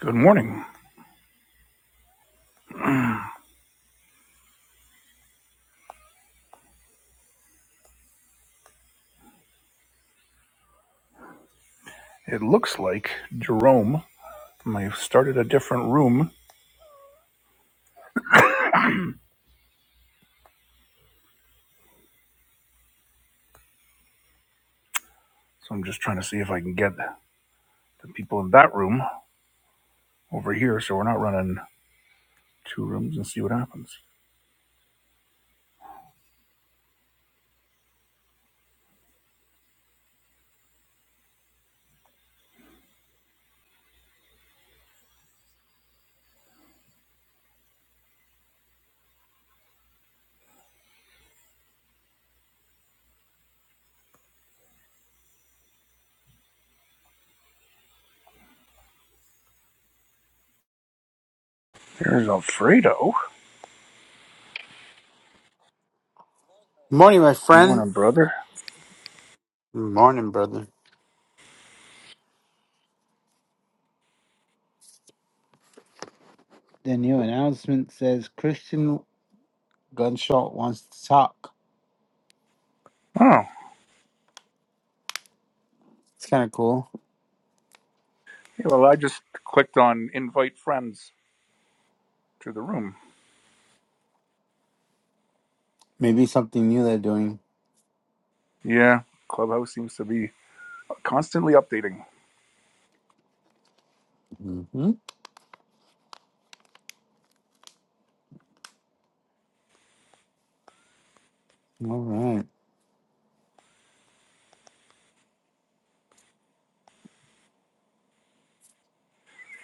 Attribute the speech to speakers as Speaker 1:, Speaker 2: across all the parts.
Speaker 1: Good morning. It looks like Jerome may have started a different room, so I'm just trying to see if I can get the people in that room over here so we're not running two rooms and see what happens. There's Alfredo.
Speaker 2: Morning, my
Speaker 1: Good
Speaker 2: friend.
Speaker 1: morning, brother.
Speaker 2: Morning, brother. The new announcement says Christian Gunshot wants to talk.
Speaker 1: Oh,
Speaker 2: It's kind of cool.
Speaker 1: yeah, well, I just clicked on invite friends to the room.
Speaker 2: Maybe something new they're doing.
Speaker 1: Yeah, Clubhouse seems to be constantly updating.
Speaker 2: hmm All right.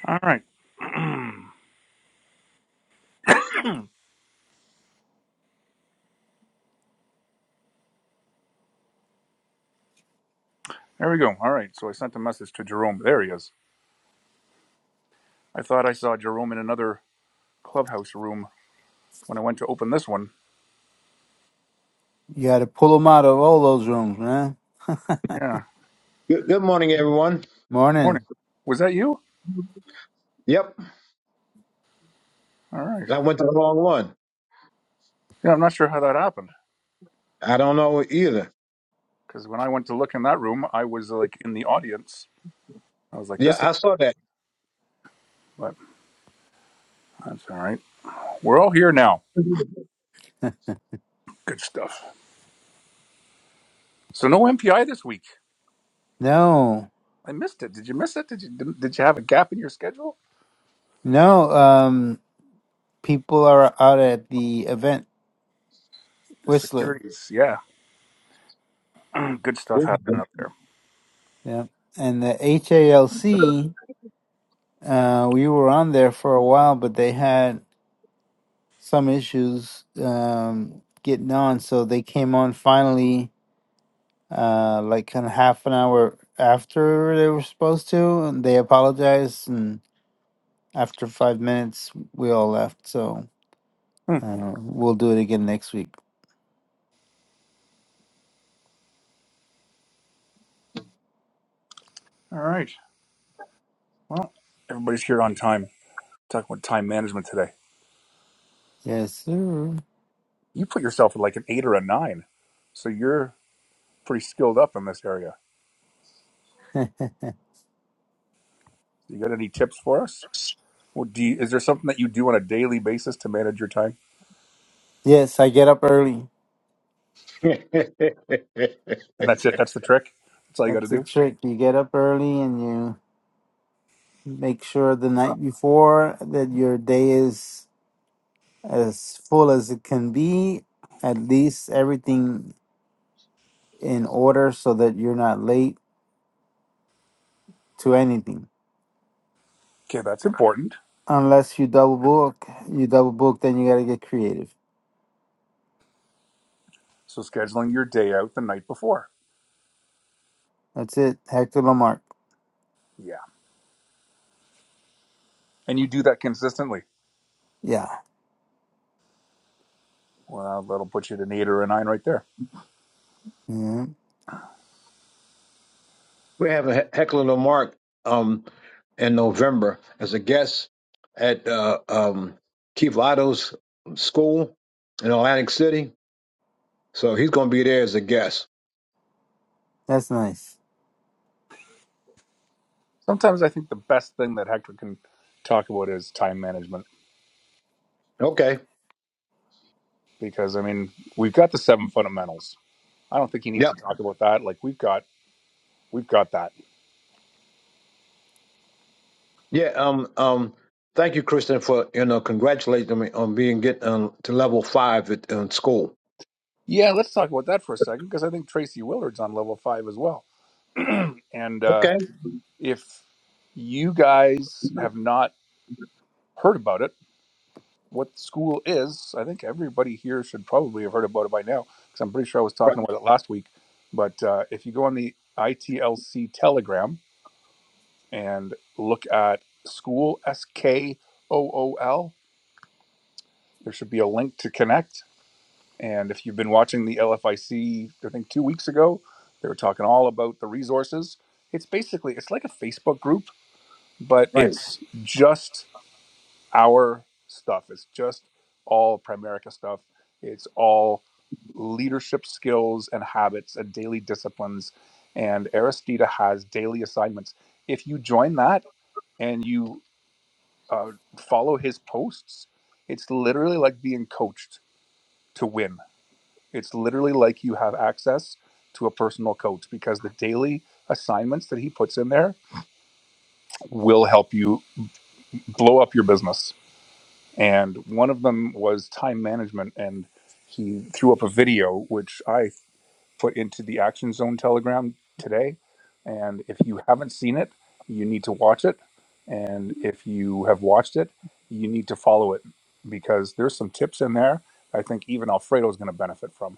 Speaker 1: All right. there we go. All right, so I sent a message to Jerome. There he is. I thought I saw Jerome in another Clubhouse room when I went to open this one.
Speaker 2: You got to pull them out of all those rooms, man.
Speaker 1: Yeah.
Speaker 3: Good, good morning, everyone.
Speaker 1: Morning.
Speaker 2: Morning.
Speaker 1: Was that you?
Speaker 3: Yep,
Speaker 1: All right.
Speaker 3: I went to the wrong one.
Speaker 1: Yeah, I'm not sure how that happened
Speaker 3: I don't know either.
Speaker 1: because when I went to look in that room, I was like in the audience. I was like,
Speaker 3: Yeah,
Speaker 1: this is,
Speaker 3: I saw that.
Speaker 1: but that's all right. We're all here now. Good stuff. So no MPI this week.
Speaker 2: No,
Speaker 1: I missed it. Did you miss it? Did you did, did you have a gap in your schedule?
Speaker 2: no. Um, people are out at the event
Speaker 1: The
Speaker 2: Whistler.
Speaker 1: securities. Yeah. Good stuff happening
Speaker 3: We're
Speaker 1: up there.
Speaker 2: Yeah, and the HALC. Uh, we were on there for a while, but they had some issues um, getting on, so they came on finally, uh, like kind of half an hour after they were supposed to, and they apologized. And after five minutes, we all left. So
Speaker 1: Hmm.
Speaker 2: uh, we'll do it again next week.
Speaker 1: All right. Well, everybody's here on time. Talking about time management today.
Speaker 2: Yes, sir.
Speaker 1: You put yourself at like an eight or a nine, so you're pretty skilled up in this area. You got any tips for us? Well, do you, is there something that you do on a daily basis to manage your time?
Speaker 2: Yes, I get up early.
Speaker 1: And that's it. That's the trick. That's all you got to
Speaker 2: That's the
Speaker 1: do.
Speaker 2: trick. You get up early and you make sure the night before that your day is as full as it can be. At least everything in order so that you're not late to anything.
Speaker 1: Okay, that's important.
Speaker 2: Unless you double book, you double book, then you gotta get creative.
Speaker 1: So scheduling your day out the night before.
Speaker 2: That's it. Hector Lamarck.
Speaker 1: Yeah, and you do that consistently.
Speaker 2: Yeah.
Speaker 1: Well, that'll put you at an eight or a nine right there.
Speaker 2: Yeah.
Speaker 3: having Heckler Lamarck um, in November as a guest at uh, um, Keith Otto's school in Atlantic City. So he's going to be there as a guest.
Speaker 2: That's nice.
Speaker 1: Sometimes I think the best thing that Hector can talk about is time management
Speaker 3: Okay.
Speaker 1: because I mean we've got the seven fundamentals. I don't think he needs
Speaker 3: Yep.
Speaker 1: to talk about that. Like we've got we've got that.
Speaker 3: Yeah. Um. Um. Thank you, Kristen, for you know congratulating me on being getting um, to level five at um, school.
Speaker 1: Yeah, let's talk about that for a second because I think Tracy Willard's on level five as well. And uh,
Speaker 3: Okay.
Speaker 1: if you guys have not heard about it, what school is, I think everybody here should probably have heard about it by now because I'm pretty sure I was talking about it last week. But uh, if you go on the ITLC Telegram and look at school S K O O L, there should be a link to connect. And if you've been watching the LFIC, I C, I think two weeks ago, they were talking all about the resources. It's basically it's like a Facebook group, but
Speaker 3: Right.
Speaker 1: it's just our stuff. It's just all Primerica stuff. It's all leadership skills and habits and daily disciplines. And Aristida has daily assignments. If you join that and you uh, follow his posts, it's literally like being coached to win. It's literally like you have access to a personal coach because the daily assignments that he puts in there will help you blow up your business and one of them was time management and he threw up a video which i put into the action zone telegram today and if you haven't seen it you need to watch it and if you have watched it you need to follow it because there's some tips in there i think even alfredo is going to benefit from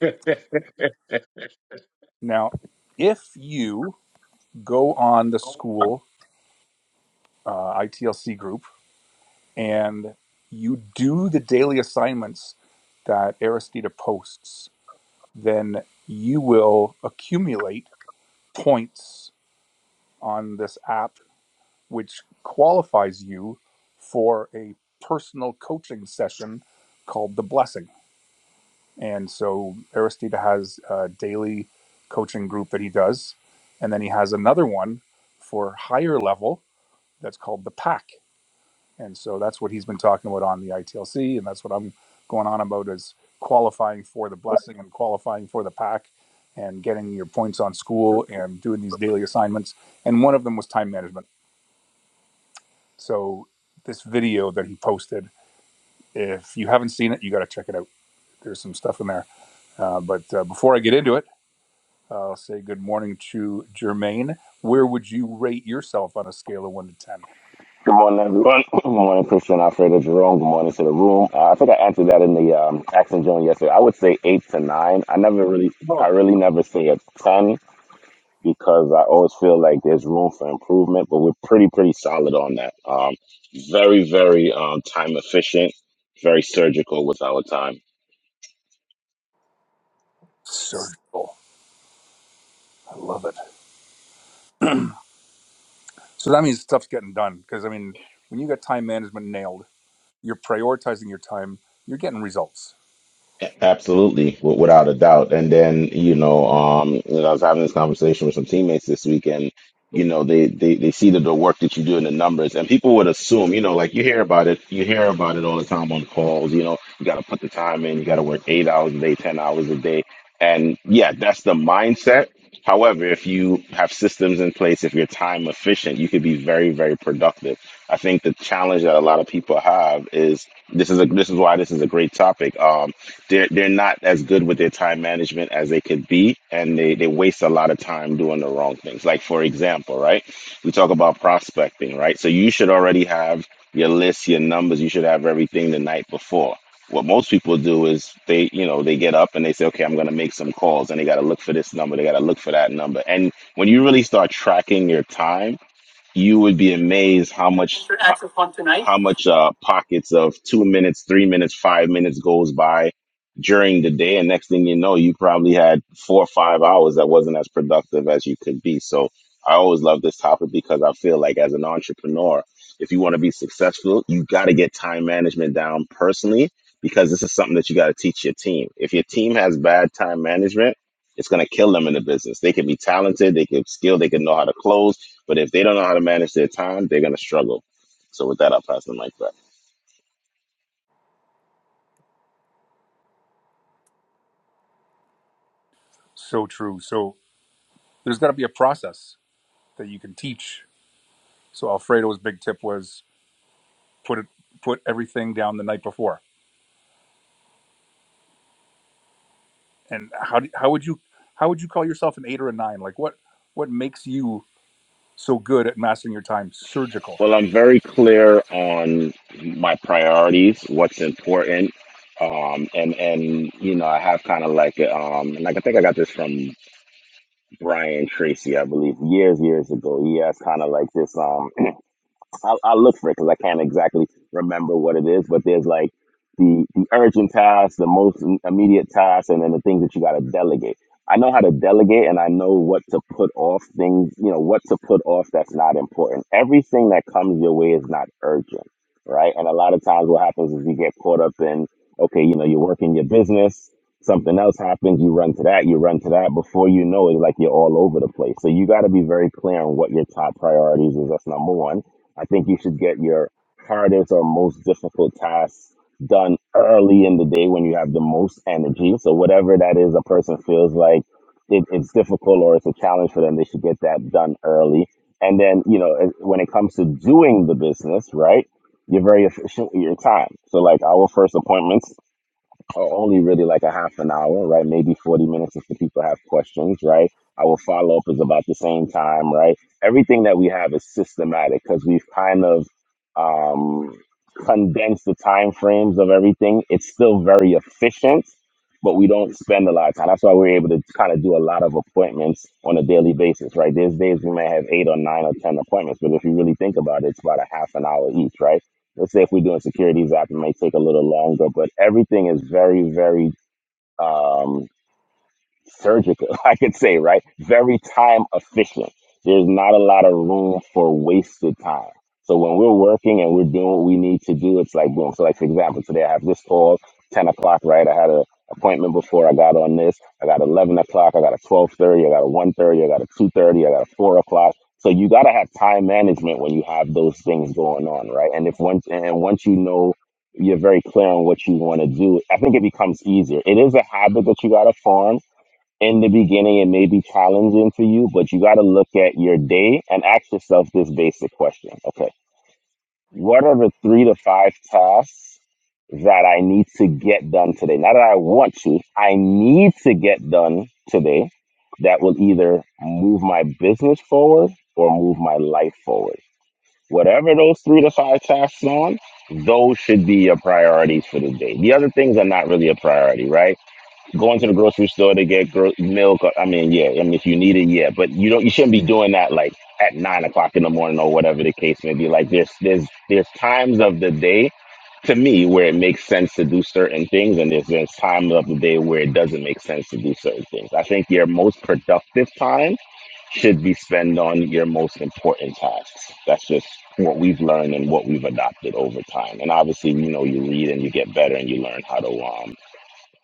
Speaker 3: Right.
Speaker 1: now if you go on the school uh, itlc group and you do the daily assignments that aristida posts then you will accumulate points on this app, which qualifies you for a personal coaching session called The Blessing. And so Aristida has a daily coaching group that he does. And then he has another one for higher level that's called The Pack. And so that's what he's been talking about on the ITLC, and that's what I'm going on about is qualifying for the blessing and qualifying for the pack and getting your points on school and doing these daily assignments. And one of them was time management. So this video that he posted, if you haven't seen it, you got to check it out. There's some stuff in there. Uh, but uh, before I get into it, I'll say good morning to Jermaine. Where would you rate yourself on a scale of one to 10?
Speaker 4: Good morning, everyone. Good morning, Christian Alfredo Jerome. Good morning to the room. Uh, I think I answered that in the um, Action Joan yesterday. I would say eight to nine. I never really,
Speaker 3: No,
Speaker 4: I really never say a ten because I always feel like there's room for improvement. But we're pretty, pretty solid on that. Um, very, very um, time efficient. Very surgical with our time.
Speaker 1: Surgical. I love it. So that means stuff's getting done. Because I mean, when you got time management nailed, you're prioritizing your time. You're getting results.
Speaker 4: Absolutely, w- without a doubt. And then, you know, um, you know, I was having this conversation with some teammates this week, and you know, they they they see the, the work that you do in the numbers, and people would assume, you know, like you hear about it, you hear about it all the time on calls. You know, you got to put the time in, you got to work eight hours a day, ten hours a day, and yeah, that's the mindset. However, if you have systems in place, if you're time efficient, you could be very, very productive. I think the challenge that a lot of people have is this is a this is why this is a great topic. Um, they're they're not as good with their time management as they could be and they they waste a lot of time doing the wrong things like for example right we talk about prospecting right so you should already have your list your numbers you should have everything the night before what most people do is they you know they get up and they say okay i'm going to make some calls and they got to look for this number they got to look for that number and when you really start tracking your time you would be amazed how much
Speaker 2: Access one tonight.
Speaker 4: how much uh, pockets of two minutes, three minutes, five minutes goes by during the day, and next thing you know, you probably had four or five hours that wasn't as productive as you could be. So I always love this topic because I feel like as an entrepreneur, if you want to be successful, you got to get time management down personally because this is something that you got to teach your team. If your team has bad time management, it's going to kill them in the business. They can be talented, they can skill, they can know how to close, but if they don't know how to manage their time, they're going to struggle. So with that, I'll pass the mic back.
Speaker 1: So true. So there's got to be a process that you can teach. So Alfredo's big tip was put it, put everything down the night before. And how do, how would you how would you call yourself an eight or a nine? Like what what makes you so good at mastering your time? Surgical.
Speaker 4: Well, I'm very clear on my priorities, what's important, um, and and you know I have kind of like um, like I think I got this from Brian Tracy, I believe, years years ago. He has kind of like this. Um, I'll, I'll look for it because I can't exactly remember what it is. But there's like the the urgent tasks, the most immediate tasks, and then the things that you got to delegate. I know how to delegate, and I know what to put off things. You know what to put off that's not important. Everything that comes your way is not urgent, right? And a lot of times, what happens is you get caught up in okay, you know, you're working your business. Something else happens, you run to that, you run to that. Before you know it, like you're all over the place. So you got to be very clear on what your top priorities is. That's number one. I think you should get your hardest or most difficult tasks done early in the day when you have the most energy. So whatever that is, a person feels like it, it's difficult or it's a challenge for them, they should get that done early. And then, you know, as- when it comes to doing the business, right? You're very efficient with your time. So like our first appointments o- only really like a half an hour, right? Maybe 40 minutes if the people have questions, right? Our follow up is about the same time, right? Everything that we have is systematic because we've kind of um, condensed the time frames of everything. It's still very efficient, but we don't spend a lot of time. That's why we're able to kind of do a lot of appointments on a daily basis, right? There's days we may have eight or nine or 10 appointments, but if you really think about it, it's about a half an hour each, right? let's say if we're doing securities app, it may take a little longer, but everything is very, very um, surgical, I could say, right? Very time efficient. There's not a lot of room for wasted time. So when we're working and we're doing what we need to do, it's like boom. So like for example, today I have this call, ten o'clock, right? I had a appointment before I got on this. I got eleven o'clock, I got a twelve thirty, I got a one thirty, I got a two thirty, I got a four o'clock. So you gotta have time management when you have those things going on, right? And if once and once you know you're very clear on what you want to do, I think it becomes easier. It is a habit that you gotta form in the beginning it may be challenging to you but you got to look at your day and ask yourself this basic question okay what are the three to five tasks that i need to get done today not that i want to i need to get done today that will either move my business forward or move my life forward whatever those three to five tasks on those should be your priorities for the day the other things are not really a priority right going to the grocery store to get gro- milk. Or, I mean, yeah. I mean, if you need it, yeah. But you don't. You shouldn't be doing that like at nine o'clock in the morning or whatever the case may be. Like there's there's there's times of the day to me where it makes sense to do certain things, and there's there's times of the day where it doesn't make sense to do certain things. I think your most productive time should be spent on your most important tasks. That's just what we've learned and what we've adopted over time. And obviously, you know, you read and you get better and you learn how to um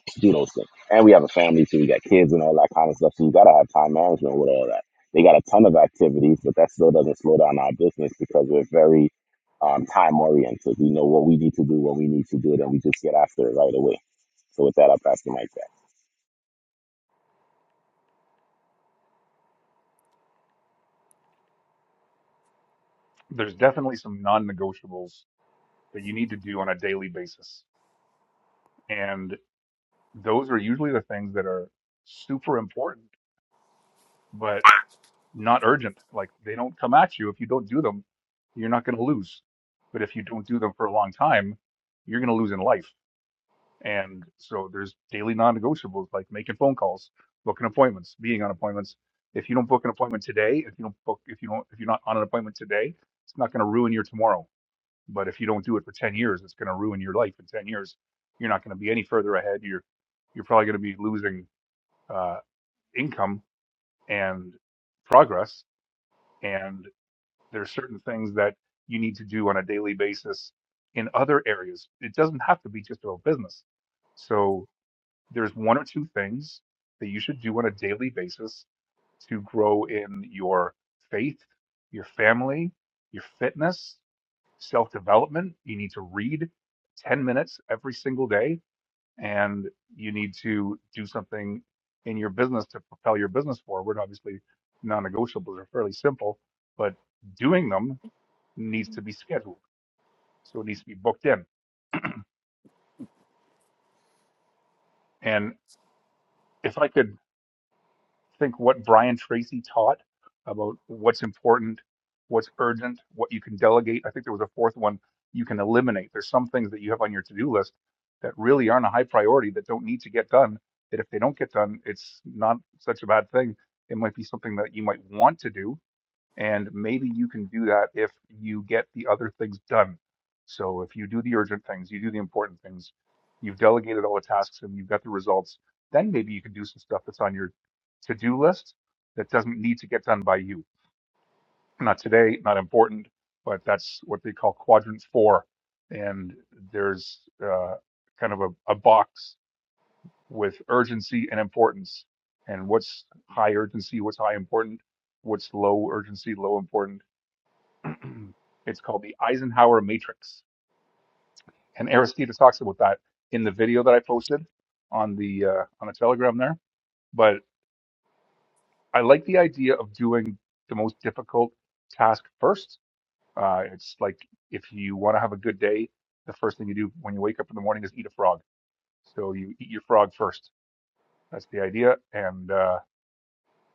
Speaker 4: to do those things. And we have a family too. We got kids and all that kind of stuff. So you gotta have time management with all that. They got a ton of activities, but that still doesn't slow down our business because we're very um, time oriented. We know what we need to do when we need to do it, and we just get after it right away. So with that, I'll pass the mic back.
Speaker 1: There's definitely some non-negotiables that you need to do on a daily basis, and those are usually the things that are super important but not urgent. Like they don't come at you if you don't do them, you're not going to lose. But if you don't do them for a long time, you're going to lose in life. And so there's daily non-negotiables like making phone calls, booking appointments, being on appointments. If you don't book an appointment today, if you don't book, if you don't, if you're not on an appointment today, it's not going to ruin your tomorrow. But if you don't do it for 10 years, it's going to ruin your life in 10 years. You're not going to be any further ahead. You're you're probably going to be losing uh, income and progress. and There are certain things that you need to do on a daily basis in other areas. It doesn't have to be just about business. So there's one or two things that you should do on a daily basis to grow in your faith, your family, your fitness, self development. You need to read 10 minutes every single day, and you need to do something in your business to propel your business forward. Obviously, non negotiables are fairly simple, but doing them needs to be scheduled. So it needs to be booked in. And if I could think what Brian Tracy taught about what's important, what's urgent, what you can delegate, I think there was a fourth one you can eliminate. There's some things that you have on your to do list that really aren't a high priority that don't need to get done. That if they don't get done, it's not such a bad thing. It might be something that you might want to do, And maybe you can do that if you get the other things done. So if you do the urgent things, you do the important things, you've delegated all the tasks and you've got the results, then maybe you can do some stuff that's on your to do list that doesn't need to get done by you. Not today, not important, but that's what they call quadrant four. And there's uh, kind of a, a box with urgency and importance and what's high urgency, what's high important, what's low urgency, low important it's called the Eisenhower Matrix, and Aristides talks about that in the video that I posted on the uh, on the Telegram there. But I like the idea of doing the most difficult task first. Uh, it's like if you want to have a good day, the first thing you do when you wake up in the morning is eat a frog. So you eat your frog first. That's the idea. And uh,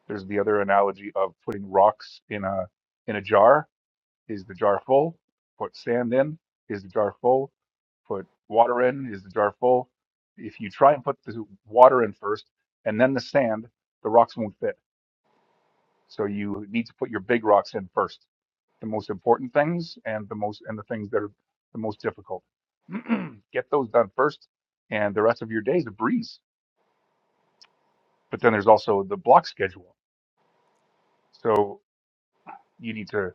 Speaker 1: there's the other analogy of putting rocks in a in a jar. Is the jar full? Put sand in. Is the jar full? put water in. Is the jar full? If you try and put the water in first and then the sand, the rocks won't fit. So you need to put your big rocks in first, the most important things and the most and the things that are the most difficult. Get those done first, and the rest of your day is a breeze. But then there's also the block schedule. So you need to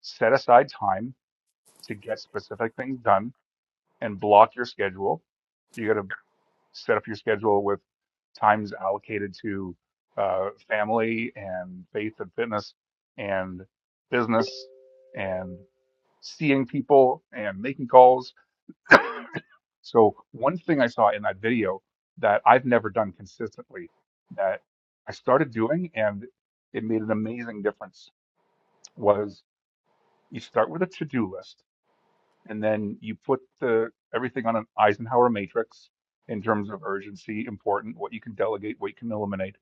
Speaker 1: set aside time to get specific things done and block your schedule. you got to. set up your schedule with times allocated to uh, family and faith and fitness and business and seeing people and making calls. So one thing I saw in that video that I've never done consistently that I started doing and it made an amazing difference was you start with a to-do list and then you put the everything on an Eisenhower matrix in terms of urgency, important, what you can delegate, what you can eliminate,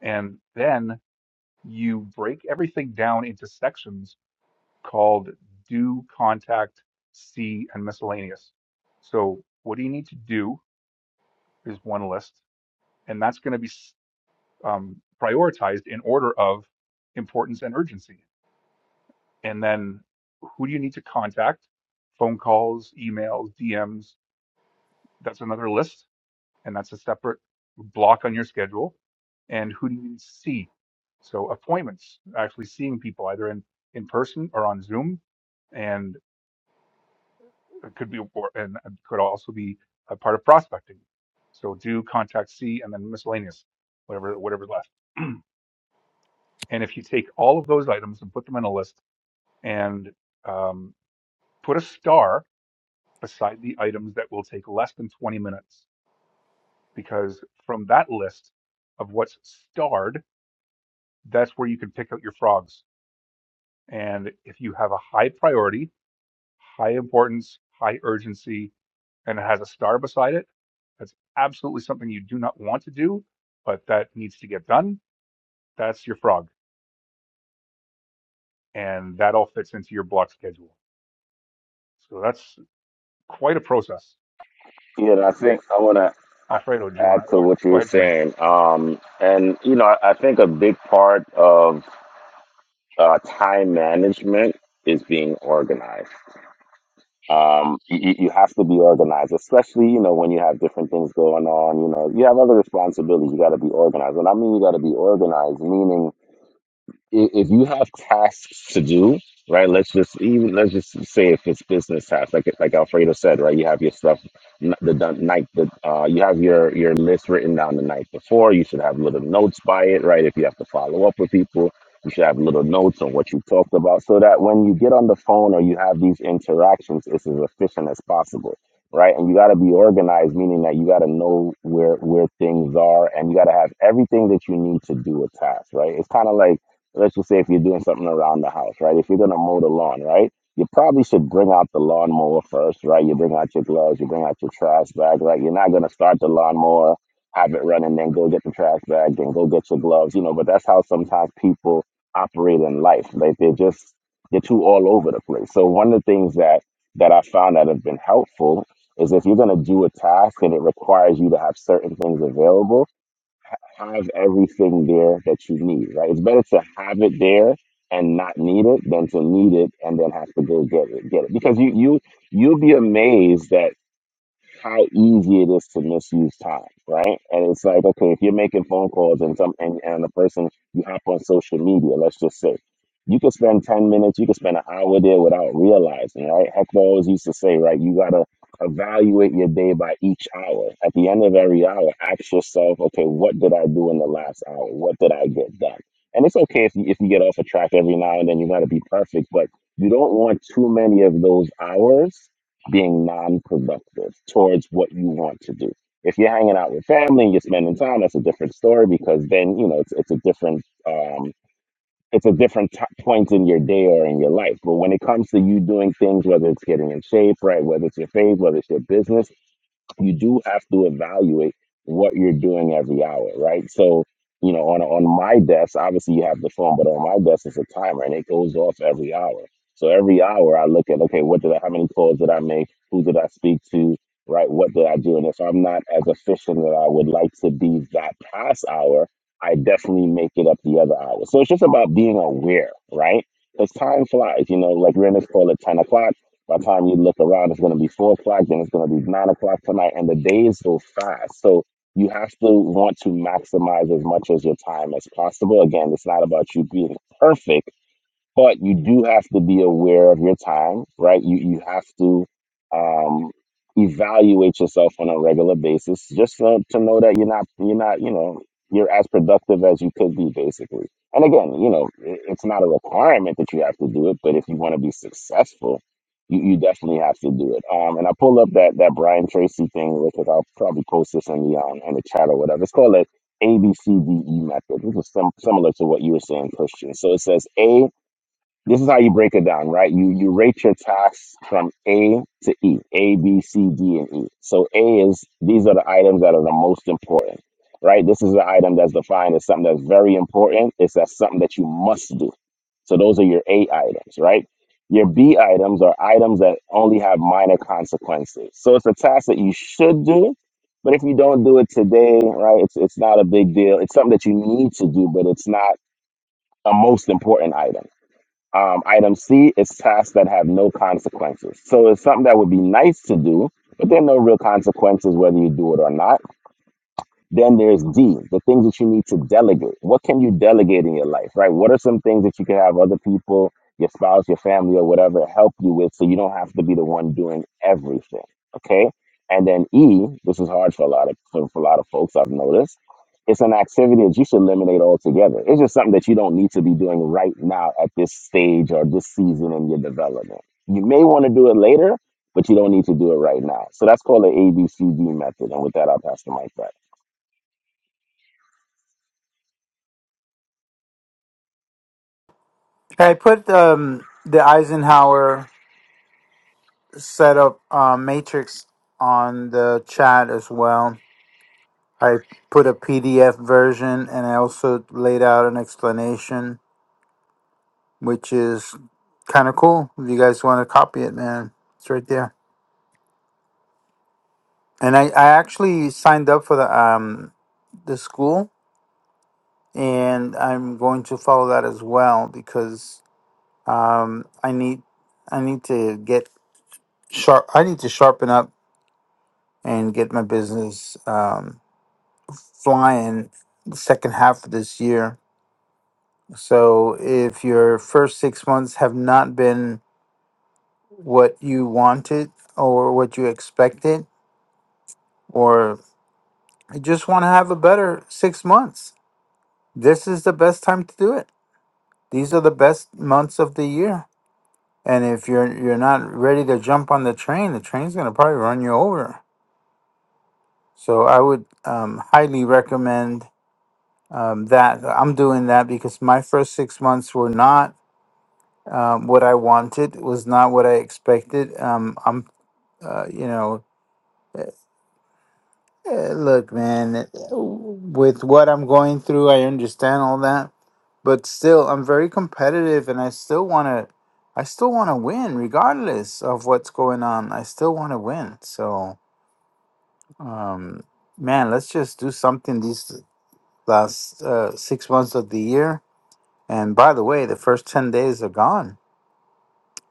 Speaker 1: and then you break everything down into sections called do, contact, see, and miscellaneous. So what do you need to do is one list, and that's going to be um, prioritized in order of importance and urgency. And then who do you need to contact? Phone calls, emails, DMs. That's another list and that's a separate block on your schedule. And who do you need to see? So appointments, actually seeing people either in in person or on Zoom, and it could be or, and it could also be a part of prospecting. So do contact C and then miscellaneous, whatever whatever's left. and if you take all of those items and put them in a list and um, put a star beside the items that will take less than 20 minutes, because from that list of what's starred that's where you can pick out your frogs. And if you have a high priority, high importance, high urgency, and it has a star beside it, that's absolutely something you do not want to do, but that needs to get done. That's your frog. And that all fits into your block schedule. So that's quite a process.
Speaker 4: Yeah, and I think I want to
Speaker 1: Alfredo, do you
Speaker 4: add
Speaker 1: want to
Speaker 4: to
Speaker 1: oh,
Speaker 4: what you
Speaker 1: go
Speaker 4: were
Speaker 1: ahead, Jermaine?
Speaker 4: saying. Um, and you know, I, I think a big part of uh, time management is being organized um, you, you have to be organized, especially, you know, when you have different things going on, you know, you have other responsibilities, you got to be organized. And I mean, you got to be organized, meaning i- if you have tasks to do, right? Let's just even let's just say if it's business tasks, like like Alfredo said, right? You have your stuff n- the, the night that uh, you have your your list written down the night before. You should have little notes by it, right? If you have to follow up with people, you should have little notes on what you talked about, so that when you get on the phone or you have these interactions, it's as efficient as possible. Right, and you got to be organized, meaning that you got to know where where things are, and you got to have everything that you need to do a task. Right, it's kind of like let's just say if you're doing something around the house, right? If you're gonna mow the lawn, right? You probably should bring out the lawnmower first, right? You bring out your gloves, you bring out your trash bag, right? You're not gonna start the lawnmower, have it running, then go get the trash bag, then go get your gloves, you know. But that's how sometimes people operate in life. Like they're just they're too all over the place. So one of the things that that I found that have been helpful is if you're gonna do a task and it requires you to have certain things available have everything there that you need, right? It's better to have it there and not need it than to need it and then have to go get it, get it. Because you you you'll be amazed that how easy it is to misuse time, right? And it's like, okay, if you're making phone calls and some and, and the person you hop on social media, let's just say, you could spend ten minutes, you could spend an hour there without realizing, right? Heckler always used to say, right, you gotta evaluate your day by each hour. At the end of every hour, ask yourself, okay, what did I do in the last hour? What did I get done? And it's okay if you, if you get off a track every now and then, you gotta be perfect, but you don't want too many of those hours being non-productive towards what you want to do. If you're hanging out with family and you're spending time, that's a different story because then you know it's it's a different um, it's a different t- point in your day or in your life. But when it comes to you doing things, whether it's getting in shape, right, whether it's your faith, whether it's your business you do have to evaluate what you're doing every hour, right? So, you know, on on my desk, obviously you have the phone, but on my desk is a timer and it goes off every hour. So every hour I look at, okay, what did I, how many calls did I make? Who did I speak to? Right? What did I do? And if I'm not as efficient that I would like to be that past hour, I definitely make it up the other hour. So it's just about being aware, right? Because time flies, you know, like we're in this call at 10 o'clock by the time you look around, it's going to be four o'clock, then it's going to be nine o'clock tonight, and the days go fast. So you have to want to maximize as much as your time as possible. Again, it's not about you being perfect but you do have to be aware of your time, right? You you have to um, evaluate yourself on a regular basis, just to, to know that you're not you're not you know you're as productive as you could be, basically. And again, you know, i- it's not a requirement that you have to do it, but if you want to be successful, you, you definitely have to do it. Um, and I pull up that that Brian Tracy thing because I'll probably post this in the um, in the chat or whatever. It's called a ABCDE method, which is sim- similar to what you were saying, Christian. So it says A this is how you break it down, right? You you rate your tasks from A to E, A, B, C, D, and E. So A is these are the items that are the most important, right? This is the item that's defined as something that's very important. It's that's something that you must do. So those are your A items, right? Your B items are items that only have minor consequences. So it's a task that you should do, but if you don't do it today, right, it's it's not a big deal. It's something that you need to do, but it's not a most important item um, item C is tasks that have no consequences. So it's something that would be nice to do, but there are no real consequences whether you do it or not. Then there's D, the things that you need to delegate. What can you delegate in your life, right? What are some things that you can have other people, your spouse, your family, or whatever, help you with so you don't have to be the one doing everything, okay? And then E, this is hard for a lot of for, for a lot of folks I've noticed. It's an activity that you should eliminate altogether. It's just something that you don't need to be doing right now at this stage or this season in your development. You may want to do it later, but you don't need to do it right now. So that's called the ABCD method. And with that, I'll pass the mic back.
Speaker 2: I put um the Eisenhower setup uh, matrix on the chat as well. I put a PDF version and I also laid out an explanation, which is kind of cool. If you guys want to copy it, man, it's right there. and I, I actually signed up for the um the school and I'm going to follow that as well because um I need I need to get sharp I need to sharpen up and get my business um flying the second half of this year. So if your first 6 months have not been what you wanted or what you expected or you just want to have a better 6 months, this is the best time to do it These are the best months of the year. And if you're you're not ready to jump on the train, the train's going to probably run you over. So I would um, highly recommend um, that. I'm doing that because my first six months were not um, what I wanted. Was not what I expected. Um, I'm uh, you know Uh, Look, man, eh, with what I'm going through, I understand all that, but still, I'm very competitive, and I still want to, I still want to win, regardless of what's going on. I still want to win. So, um, man, let's just do something these last uh, six months of the year. And by the way, the first ten days are gone,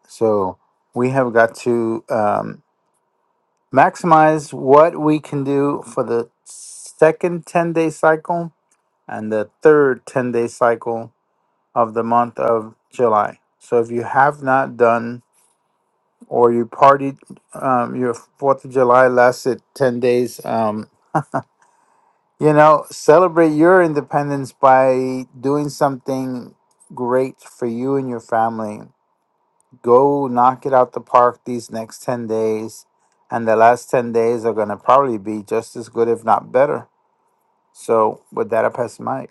Speaker 2: so we have got to um, maximize what we can do for the second ten day cycle and the third 10 day cycle of the month of July. So if you have not done or you partied um, your 4th of July lasted 10 days, um, you know, celebrate your independence by doing something great for you and your family. Go knock it out the park these next 10 days. And the last 10 days are going to probably be just as good, if not better. So, with that, I pass the mic.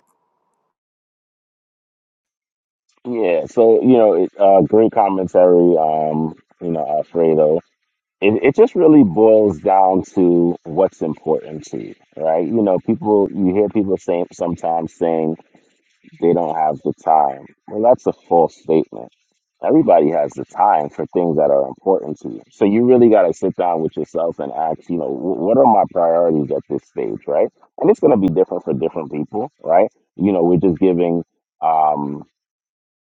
Speaker 4: Yeah, so you know, it, uh, great commentary, um, you know, Alfredo. It, it just really boils down to what's important to you, right? You know, people, you hear people saying sometimes saying they don't have the time. Well, that's a false statement. Everybody has the time for things that are important to you. So you really got to sit down with yourself and ask, you know, wh- what are my priorities at this stage, right? And it's going to be different for different people, right? You know, we're just giving. Um,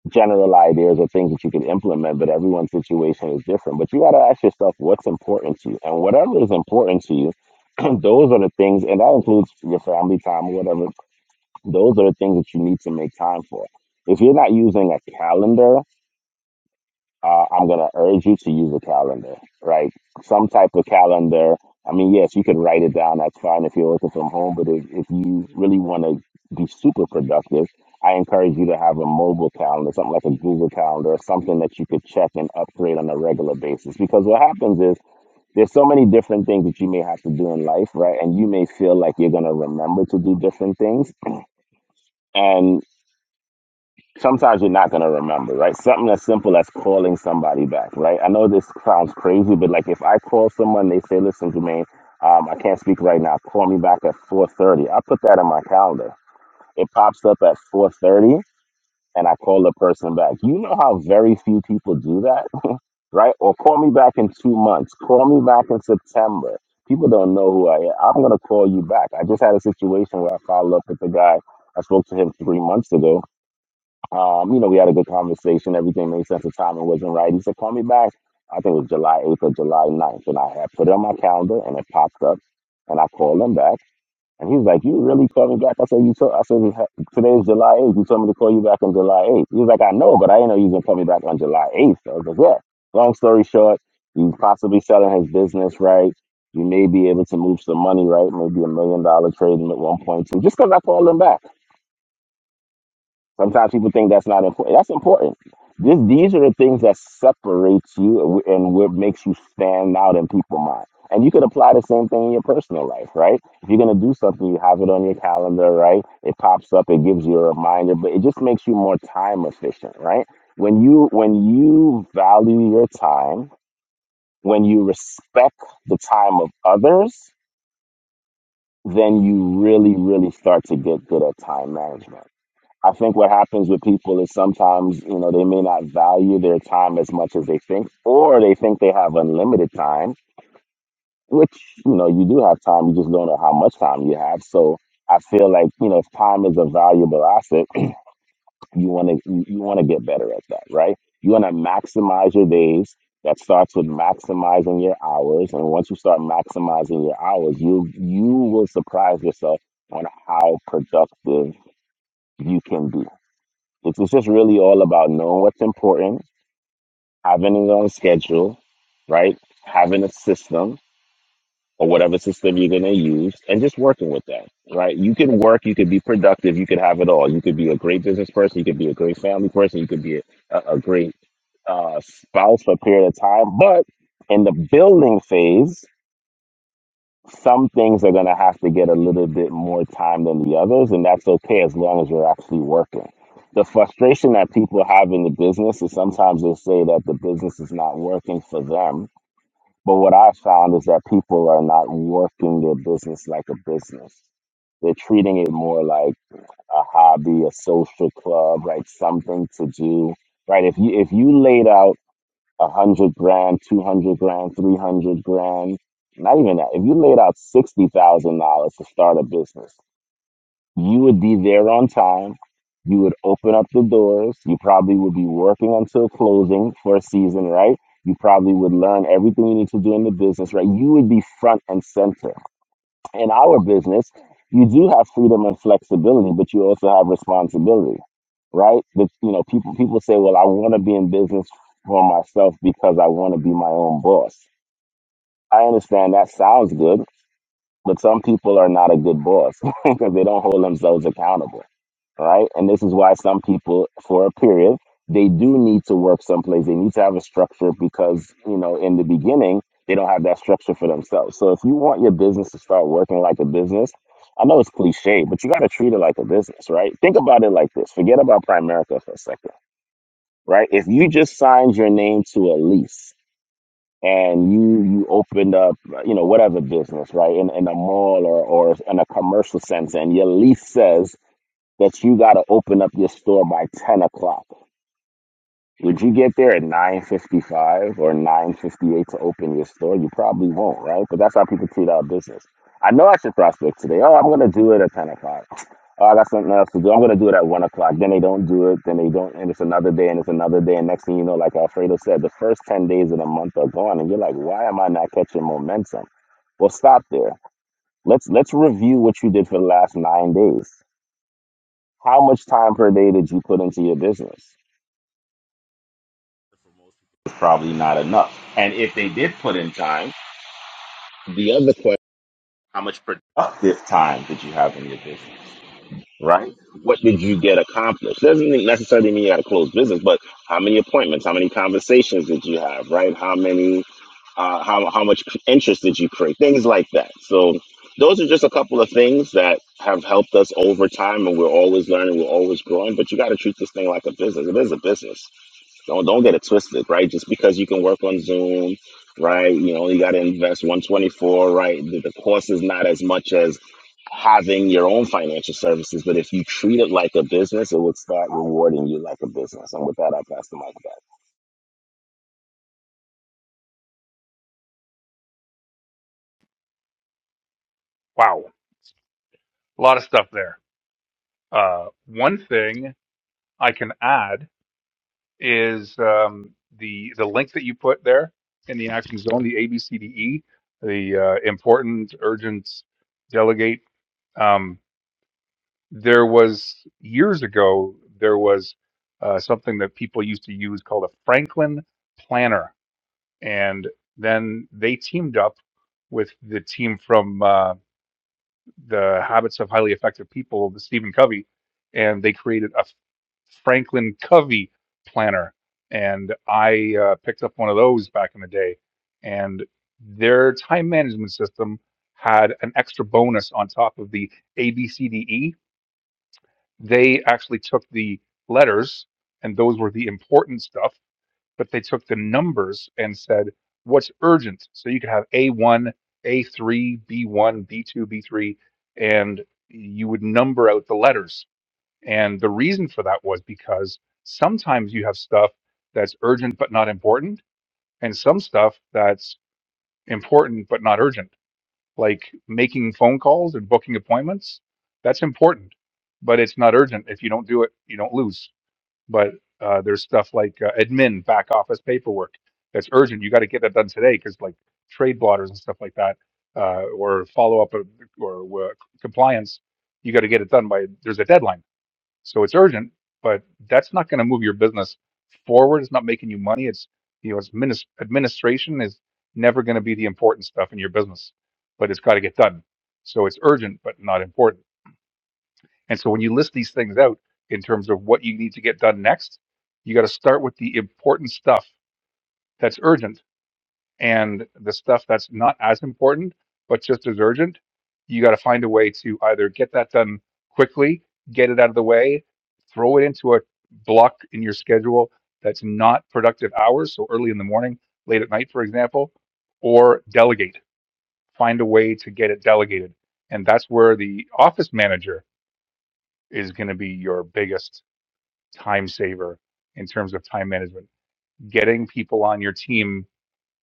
Speaker 4: general ideas or things that you can implement, but everyone's situation is different. But you got to ask yourself what's important to you. And whatever is important to you, those are the things, and that includes your family time or whatever, those are the things that you need to make time for. If you're not using a calendar uh, I'm going to urge you to use a calendar, right? Some type of calendar. I mean, yes, you could write it down. That's fine if you're working from home, but if, if you really want to be super productive, I encourage you to have a mobile calendar, something like a Google calendar, something that you could check and upgrade on a regular basis. Because what happens is there's so many different things that you may have to do in life, right? And you may feel like you're going to remember to do different things. And sometimes you're not going to remember, right? Something as simple as calling somebody back, right? I know this sounds crazy, but like if I call someone, they say, listen, Jermaine, um, I can't speak right now. Call me back at 4.30. I put that in my calendar. It pops up at 4.30 and I call the person back. You know how very few people do that, right? Or call me back in two months. Call me back in September. People don't know who I am. I'm going to call you back. I just had a situation where I followed up with the guy. I spoke to him three months ago um, you know, we had a good conversation. Everything made sense. The timing wasn't right. He said, call me back. I think it was July 8th or July ninth, And I had put it on my calendar and it popped up. And I called him back. And he was like, you really called me back? I said, you told, I said, "Hey, today is July 8th. You told me to call you back on July 8th. He was like, I know, but I didn't know you was going to call me back on July 8th. I was like, yeah. Long story short, he's possibly selling his business, right? You may be able to move some money, right? Maybe a million dollar trade at 1.2, just because I called him back. Sometimes people think that's not important. That's important. This, these are the things that separates you and wh- and what makes you stand out in people's mind. And you could apply the same thing in your personal life, right? If you're gonna do something, you have it on your calendar, right? It pops up, it gives you a reminder, but it just makes you more time efficient, right? When you when you value your time, when you respect the time of others, then you really, really start to get good at time management I think what happens with people is sometimes, you know, they may not value their time as much as they think, or they think they have unlimited time, which, you know, you do have time, you just don't know how much time you have. So I feel like, you know, if time is a valuable asset, you want to you, you want to get better at that, right? You want to maximize your days. That starts with maximizing your hours, and once you start maximizing your hours, you you will surprise yourself on how productive you can be this was just really all about knowing what's important, having it on schedule, right? Having a system or whatever system you're going to use and just working with that, right? You can work, you could be productive, you could have it all. You could be a great business person, you could be a great family person, you could be a, a a great uh, spouse for a period of time. But in the building phase, some things are going to have to get a little bit more time than the others, and that's okay as long as you're actually working. The frustration that people have in the business is sometimes they say that the business is not working for them. But what I found is that people are not working their business like a business. They're treating it more like a hobby, a social club, right? Something to do, right? If you if you laid out a hundred grand, two hundred grand, three hundred grand. Not even that. If you laid out sixty thousand dollars to start a business, you would be there on time. You would open up the doors. You probably would be working until closing for a season, right? You probably would learn everything you need to do in the business, right? You would be front and center in our business, you do have freedom and flexibility, but you also have responsibility, right? But you know, people people say, "Well, I want to be in business for myself because I want to be my own boss." I understand that sounds good, but some people are not a good boss because they don't hold themselves accountable right? And this is why some people, for a period, they do need to work someplace. They need to have a structure because, you know, in the beginning, they don't have that structure for themselves. So if you want your business to start working like a business, I know it's cliche, but you got to treat it like a business, right? Think about it like this. Forget about Primerica for a second, right? If you just signed your name to a lease and you you opened up, you know, whatever business, right, in, in a mall or, or in a commercial sense, and your lease says that you got to open up your store by 10 o'clock. Would you get there at 9.55 or 9.58 to open your store? You probably won't, right? But that's how people treat our business. I know I should prospect today. Oh, I'm going to do it at 10 o'clock. Oh, I got something else to do. I'm going to do it at 1 o'clock. Then they don't do it. Then they don't. And it's another day and it's another day. And next thing you know, like Alfredo said, the first 10 days of the month are gone. And you're like, why am I not catching momentum? Well, stop there. Let's let's review what you did for the last nine days. How much time per day did you put into your business? Probably not enough. And if they did put in time, the other question, how much productive time did you have in your business? Right? What did you get accomplished? Doesn't necessarily mean you got to close business, but how many appointments, how many conversations did you have, right? How many, uh, how, how much interest did you create? Things like that. So those are just a couple of things that have helped us over time and we're always learning, we're always growing, but you got to treat this thing like a business. It is a business Don't don't get it twisted, right? Just because you can work on Zoom, right? You know you got to invest 124, right? The, the cost is not as much as having your own financial services, but if you treat it like a business, it would start rewarding you like a business. And with that, I pass the mic back.
Speaker 1: Wow, a lot of stuff there. Uh, one thing I can add is um, the the link that you put there in the action zone, the ABCDE, the uh, important, urgent, delegate. Um, there was years ago there was uh, something that people used to use called a Franklin planner, and then they teamed up with the team from. uh, the habits of highly effective people the stephen covey and they created a franklin covey planner and i uh, picked up one of those back in the day and their time management system had an extra bonus on top of the a b c d e they actually took the letters and those were the important stuff but they took the numbers and said what's urgent. So you could have A1, A3, B1, B2, B3, and you would number out the letters. And the reason for that was because sometimes you have stuff that's urgent but not important, and some stuff that's important but not urgent, like making phone calls and booking appointments. That's important, but it's not urgent. If you don't do it, you don't lose but uh, there's stuff like uh, admin back office paperwork that's urgent. You got to get that done today because like trade blotters and stuff like that, uh, or follow up of- or uh, compliance, you got to get it done by there's a deadline. So it's urgent, but that's not going to move your business forward. It's not making you money. It's you know, it's minis- administration is never going to be the important stuff in your business, but it's got to get done. So it's urgent, but not important and so when you list these things out in terms of what you need to get done next, you got to start with the important stuff that's urgent and the stuff that's not as important, but just as urgent. You got to find a way to either get that done quickly, get it out of the way, throw it into a block in your schedule that's not productive hours. So early in the morning, late at night, for example, or delegate. Find a way to get it delegated. And that's where the office manager is going to be your biggest time saver in terms of time management. Getting people on your team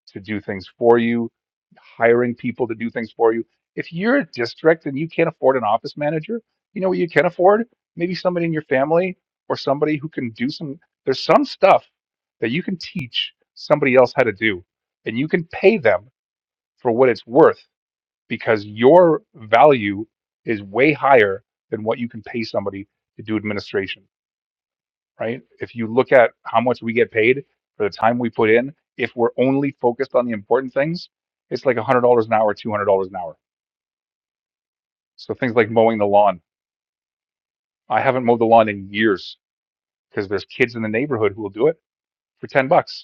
Speaker 1: to do things for you, hiring people to do things for you. If you're a district and you can't afford an office manager, you know what you can afford? Maybe somebody in your family or somebody who can do some. There's some stuff that you can teach somebody else how to do, and you can pay them for what it's worth because your value is way higher than what you can pay somebody to do administration right? If you look at how much we get paid for the time we put in, if we're only focused on the important things, it's like $100 an hour, $200 an hour. So things like mowing the lawn. I haven't mowed the lawn in years because there's kids in the neighborhood who will do it for 10 bucks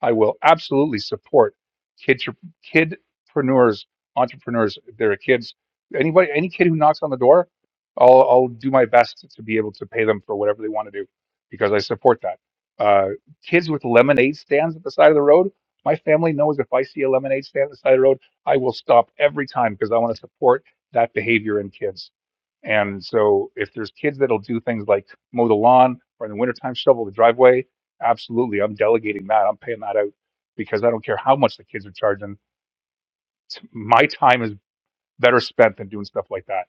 Speaker 1: I will absolutely support kid kidpreneurs, entrepreneurs. If there are kids, anybody, any kid who knocks on the door, I'll I'll do my best to be able to pay them for whatever they want to do because I support that. Uh, kids with lemonade stands at the side of the road. My family knows if I see a lemonade stand at the side of the road, I will stop every time because I want to support that behavior in kids. And so if there's kids that'll do things like mow the lawn or in the wintertime shovel the driveway Absolutely. I'm delegating that. I'm paying that out because I don't care how much the kids are charging. T- My time is better spent than doing stuff like that.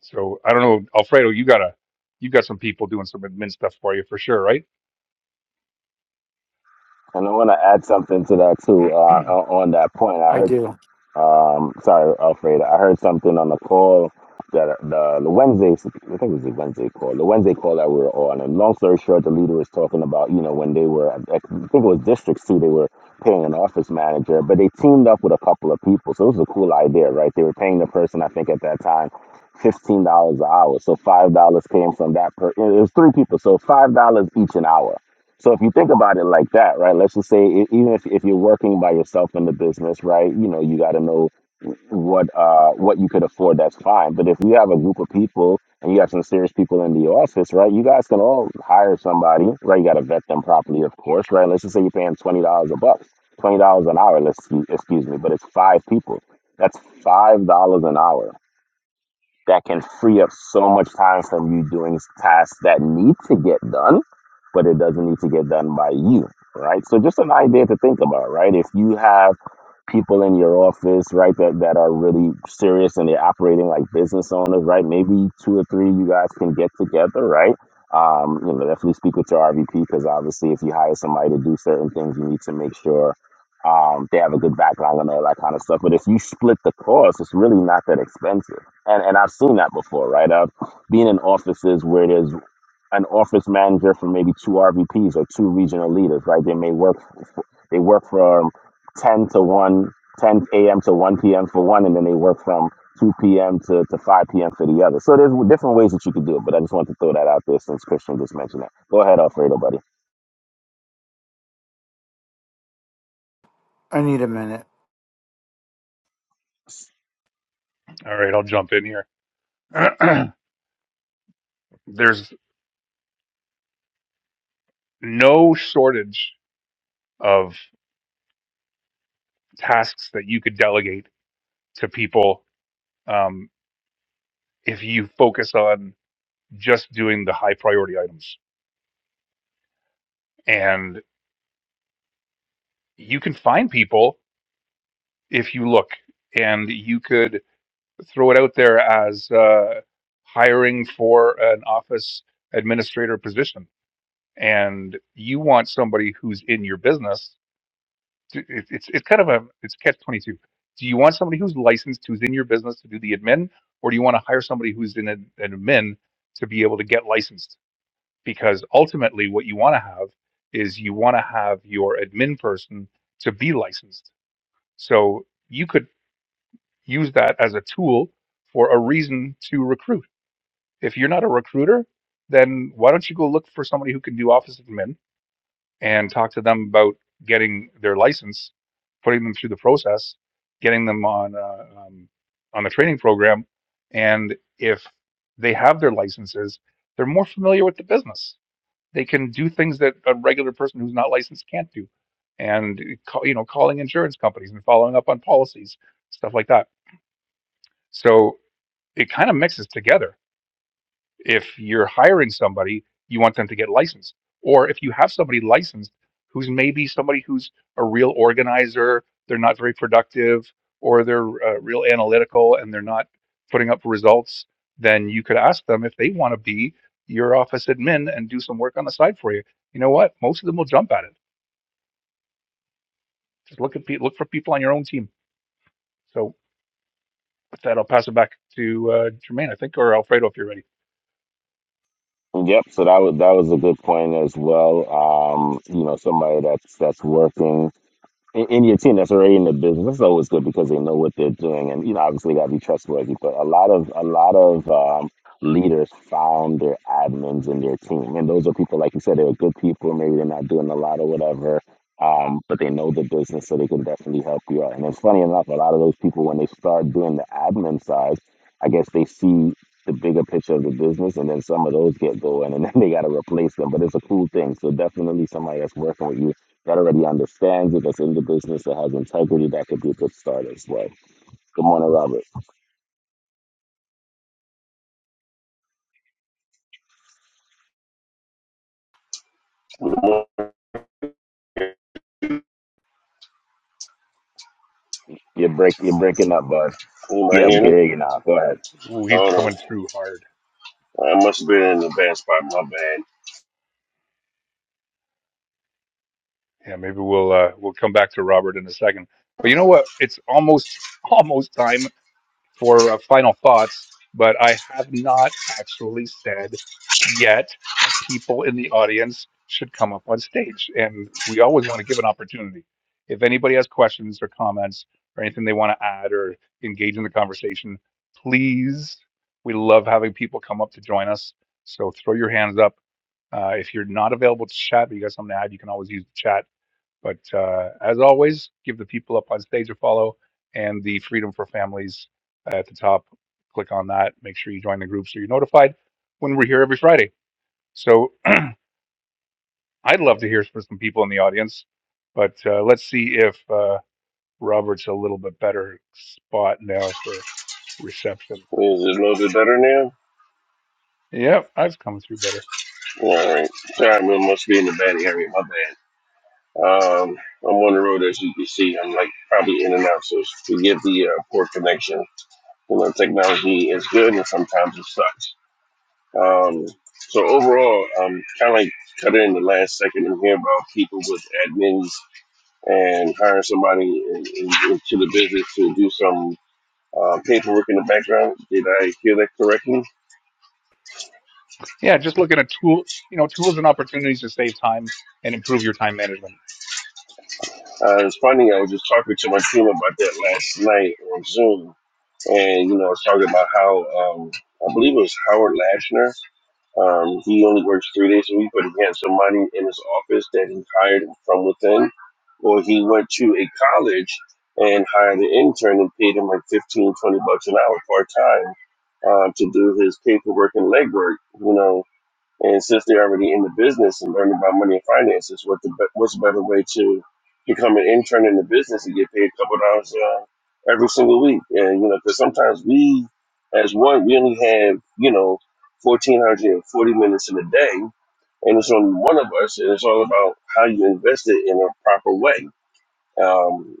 Speaker 1: So I don't know, Alfredo, you got to you got some people doing some admin stuff for you for sure, right?
Speaker 4: And I want to add something to that too.
Speaker 1: All
Speaker 4: Uh, on that point, I
Speaker 2: I
Speaker 4: heard
Speaker 2: do.
Speaker 4: Um, sorry, Alfred. I heard something on the call that the, the Wednesday, I think it was the Wednesday call, the Wednesday call that we were on. And long story short, the leader was talking about, you know, when they were, I think it was District 2, they were paying an office manager, but they teamed up with a couple of people. So it was a cool idea, right? They were paying the person, I think at that time, $15 an hour. So $5 came from that per, it was three people. So $5 each an hour. So if you think about it like that, right? Let's just say, e- even if, if you're working by yourself in the business, right? You know, you got to know what uh what you could afford that's fine but if you have a group of people and you have some serious people in the office right you guys can all hire somebody right you got to vet them properly of course right let's just say you're paying $20 a buck $20 an hour let's excuse me but it's five people that's $5 an hour that can free up so much time from you doing tasks that need to get done, but it doesn't need to get done by you, right? So just an idea to think about, right? If you have people in your office, right, that, that are really serious and they're operating like business owners, right? Maybe two or three you guys can get together, right? Um, you know, definitely speak with your RVP because obviously if you hire somebody to do certain things, you need to make sure um, they have a good background and all that kind of stuff. But if you split the cost, it's really not that expensive and and I've seen that before, right? I've been in offices where there's an office manager for maybe two RVPs or two regional leaders, right? They may work f- they work from 10 to one, 10 a.m. to 1 p.m. for one, and then they work from 2 p.m. To, to 5 p.m. for the other. So there's different ways that you could do it, but I just wanted to throw that out there since Christian just mentioned that. Go ahead, Alfredo, buddy.
Speaker 2: I need a minute.
Speaker 1: right, I'll jump in here. There's no shortage of tasks that you could delegate to people um, if you focus on just doing the high priority items. And you can find people if you look, and you could throw it out there as uh, hiring for an office administrator position, and you want somebody who's in your business. to- it- It's it's kind of a it's catch twenty two. Do you want somebody who's licensed, who's in your business to do the admin, or do you want to hire somebody who's in an an admin to be able to get licensed? Because ultimately, what you want to have is you want to have your admin person to be licensed. So you could use that as a tool for a reason to recruit. If you're not a recruiter, then why don't you go look for somebody who can do office admin and talk to them about getting their license, putting them through the process, getting them on uh, um, on the training program, and if they have their licenses, they're more familiar with the business. They can do things that a regular person who's not licensed can't do, and you know, calling insurance companies and following up on policies, stuff like that. So it kind of mixes together. If you're hiring somebody, you want them to get licensed, or if you have somebody licensed who's maybe somebody who's a real organizer, they're not very productive, or they're uh, real analytical and they're not putting up results, then you could ask them if they want to be your office admin and do some work on the side for you. You know what? Most of them will jump at it. Just look at pe- look for people on your own team. So with that, I'll pass it back to uh, Jermaine, I think, or Alfredo if you're ready.
Speaker 4: Yep. So that was that was a good point as well. Um, you know, somebody that's that's working In and your team that's already in the business that's always good because they know what they're doing and you know obviously got to be trustworthy but a lot of a lot of um, leaders found their admins in their team and those are people like you said they were good people maybe they're not doing a lot or whatever um, but they know the business so they can definitely help you out and it's funny enough a lot of those people when they start doing the admin side i guess they see the bigger picture of the business and then some of those get going and then they got to replace them but it's a cool thing so definitely somebody that's working with you that already understands it, that's in the business, that has integrity, that could be a good start as well. Good morning, Robert.
Speaker 5: Good morning.
Speaker 4: You're break you're breaking up, bud. Yeah,
Speaker 5: Anybody
Speaker 4: we
Speaker 5: hear
Speaker 4: can
Speaker 5: me?
Speaker 4: hear you now. Go ahead.
Speaker 1: Ooh, he's
Speaker 5: Hold on.
Speaker 1: coming through hard.
Speaker 5: I must have been in the bad spot. My bad.
Speaker 1: Yeah, maybe we'll uh, we'll come back to Robert in a second. But you know what? It's almost almost time for uh, final thoughts. But I have not actually said yet that people in the audience should come up on stage, and we always want to give an opportunity. If anybody has questions or comments or anything they want to add or engage in the conversation, please. We love having people come up to join us. So throw your hands up. Uh, if you're not available to chat, but you got something to add, you can always use the chat but uh, as always, give the people up on stage a follow and the Freedom for Families at the top. Click on that. Make sure you join the group so you're notified when we're here every Friday. So I'd love to hear from some people in the audience, but uh, let's see if uh, Robert's a little bit better spot now for reception.
Speaker 5: Is it a little bit better now?
Speaker 1: Yep, I've come through better.
Speaker 5: All right. Sorry, I must be in the bad area. My bad. Um, I'm on the road, as you can see. I'm like probably in and out, so forgive the uh, poor connection. You know, technology is good, and sometimes it sucks. Um, so overall, I'm kind of like cut in the last second and hear about people with admins and hiring somebody in, in, into the business to do some. uh, paperwork in the background. Did I hear that correctly?
Speaker 1: Yeah, just looking at tool, you know, tools and opportunities to save time and improve your time management.
Speaker 5: Uh, it's funny, I was just talking to my team about that last night on Zoom. And, you know, I was talking about how, um, I believe it was Howard Lashner. Um, he only works three days a week, but he had somebody in his office that he hired from within. Or he went to a college and hired an intern and paid him like 15, 20 bucks an hour part time uh, to do his paperwork and legwork, you know, And since they're already in the business and learning about money and finances, what the be- what's a better way to become an intern in the business and get paid a couple dollars uh, every single week? And you know, because sometimes we, as one, we only have you know fourteen hundred and forty minutes in a day, and it's only one of us, and it's all about how you invest it in a proper way. Um,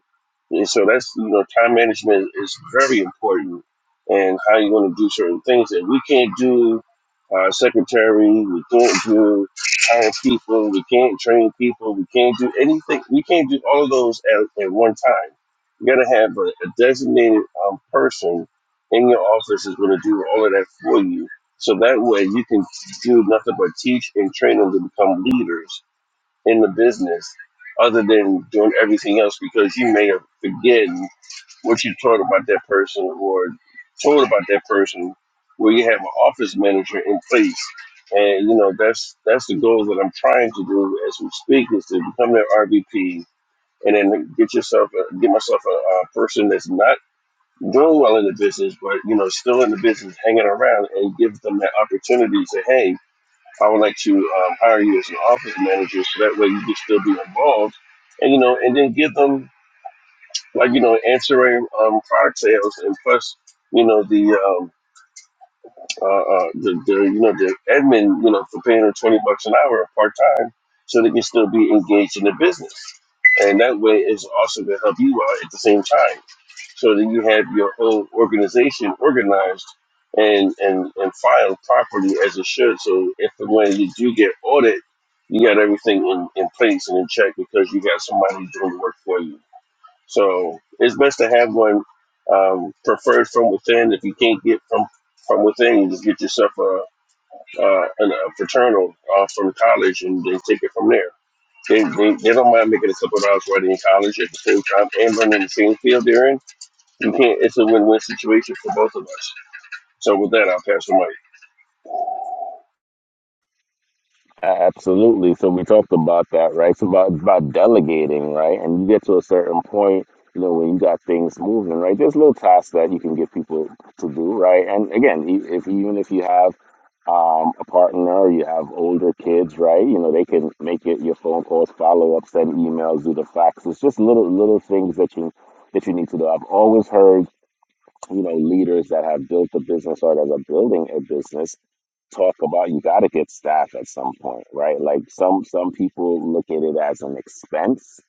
Speaker 5: and so that's you know time management is very important and how you're going to do certain things that we can't do. Our secretary, we can't do hire people, we can't train people, we can't do anything. We can't do all of those at, at one time. You got to have a, a designated um, person in your office is going to do all of that for you. So that way you can do nothing but teach and train them to become leaders in the business other than doing everything else because you may have forgotten what you taught about that person or told about that person where you have an office manager in place. And you know, that's that's the goal that I'm trying to do as we speak is to become that RVP and then get yourself a, get myself a, a person that's not doing well in the business, but you know, still in the business, hanging around and give them that opportunity to hey, I would like to um, hire you as an office manager, so that way you can still be involved, and you know, and then give them like you know ancillary um, product sales, and plus you know the um, uh, uh, the, the you know the admin you know for paying them twenty bucks an hour part time, so they can still be engaged in the business, and that way it's also going to help you out at the same time so that you have your whole organization organized and and and filed properly as it should. So if and when you do get audit, you got everything in in place and in check because you got somebody doing the work for you. So it's best to have one um, preferred from within. If you can't get from from within, you just get yourself a, a, an- a fraternal uh, from college and then take it from there. They, they, they don't mind making a couple of dollars while they're in college at the same time and learning the same field they're in you can't. It's a win-win situation for both of us. So with that, I'll pass the
Speaker 4: A- Absolutely. So we talked about that, right? It's about it's about delegating, right? And you get to a certain point, you know, when you got things moving, right? There's little tasks that you can get people to do, right? And again, e- if even if you have um, a partner or you have older kids, right? You know, they can make it your phone calls, follow ups, send emails, do the faxes, just little little things that you that you need to do. I've always heard, you know, leaders that have built a business or that are building a business talk about you got to get staff at some point right like some some people look at it as an expense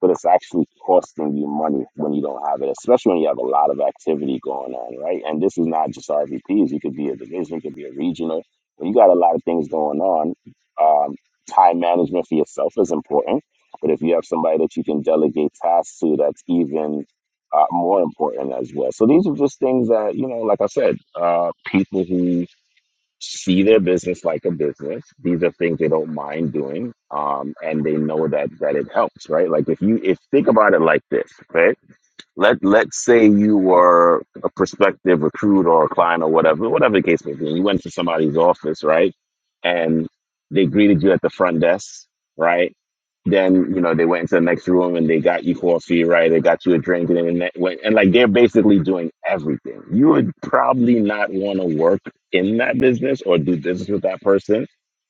Speaker 4: but it's actually costing you money when you don't have it especially when you have a lot of activity going on right and this is not just rvps you could be a division you could be a regional when you got a lot of things going on um, time management for yourself is important but if you have somebody that you can delegate tasks to that's even uh, more important as well so these are just things that you know like i said uh, people who see their business like a business. These are things they don't mind doing, um, and they know that that it helps, right? Like if you if think about it like this, right? Let let's say you were a prospective recruit or a client or whatever, whatever the case may be. You went to somebody's office, right? And they greeted you at the front desk, right? Then you know they went into the next room and they got you coffee, right? They got you a drink, and then they went and like they're basically doing everything. You would probably not want to work in that business or do business with that person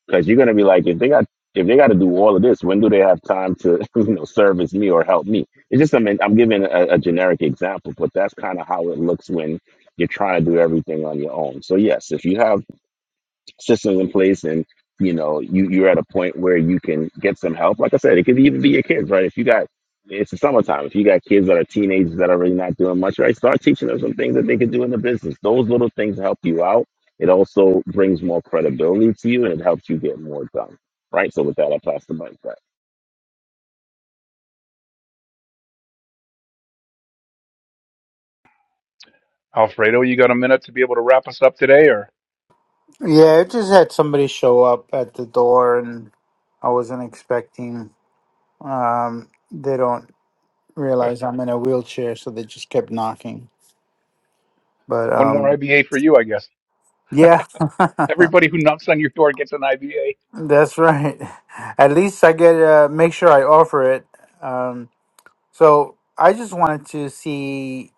Speaker 4: because you're gonna be like, if they got if they got to do all of this, when do they have time to you know service me or help me? It's just I mean I'm giving a, a generic example, but that's kind of how it looks when you're trying to do everything on your own. So yes, if you have systems in place and you know you you're at a point where you can get some help like i said it could even be your kids right if you got it's the summertime if you got kids that are teenagers that are really not doing much right start teaching them some things that they can do in the business those little things help you out it also brings more credibility to you and it helps you get more done right so with that i pass the mic back
Speaker 1: Alfredo, you got a minute to be able to wrap us up today, or?
Speaker 2: Yeah, I just had somebody show up at the door and I wasn't expecting. Um, they don't realize I'm in a wheelchair, so they just kept knocking. But
Speaker 1: One more
Speaker 2: um,
Speaker 1: IBA for you, I guess.
Speaker 2: yeah,
Speaker 1: Everybody who knocks on your door gets an IBA.
Speaker 2: that's right. At least I get uh, make sure I offer it. Um, so I just wanted to see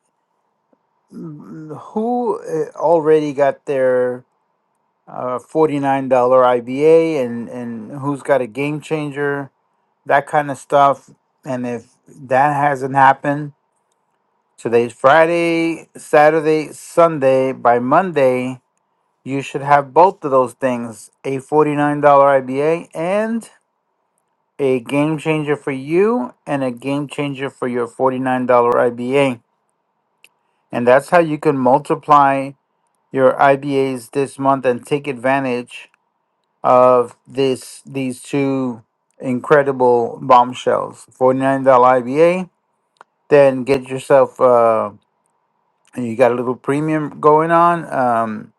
Speaker 2: mm, who uh, already got their uh, $49 IBA and, and who's got a game changer that kind of stuff. And if that hasn't happened, today's Friday, Saturday, Sunday, by Monday, you should have both of those things a $49 IBA and a game changer for you, and a game changer for your $49 IBA. And that's how you can multiply your IBAs this month and take advantage of this these two incredible bombshells $49 IBA then get yourself uh, and you got a little premium going on. Um,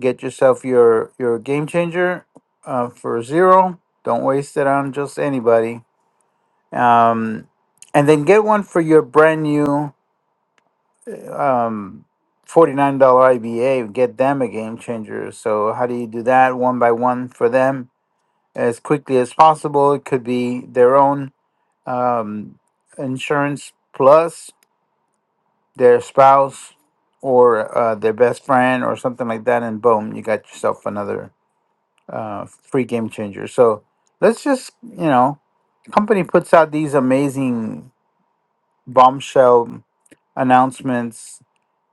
Speaker 2: get yourself your your game changer uh, for zero. Don't waste it on just anybody. Um, and then get one for your brand new um, forty nine dollar IBA. Get them a game changer. So how do you do that? One by one for them as quickly as possible. It could be their own um, insurance plus their spouse or uh, their best friend or something like that, and boom, you got yourself another uh, free game changer. So let's just, you know, company puts out these amazing bombshell announcements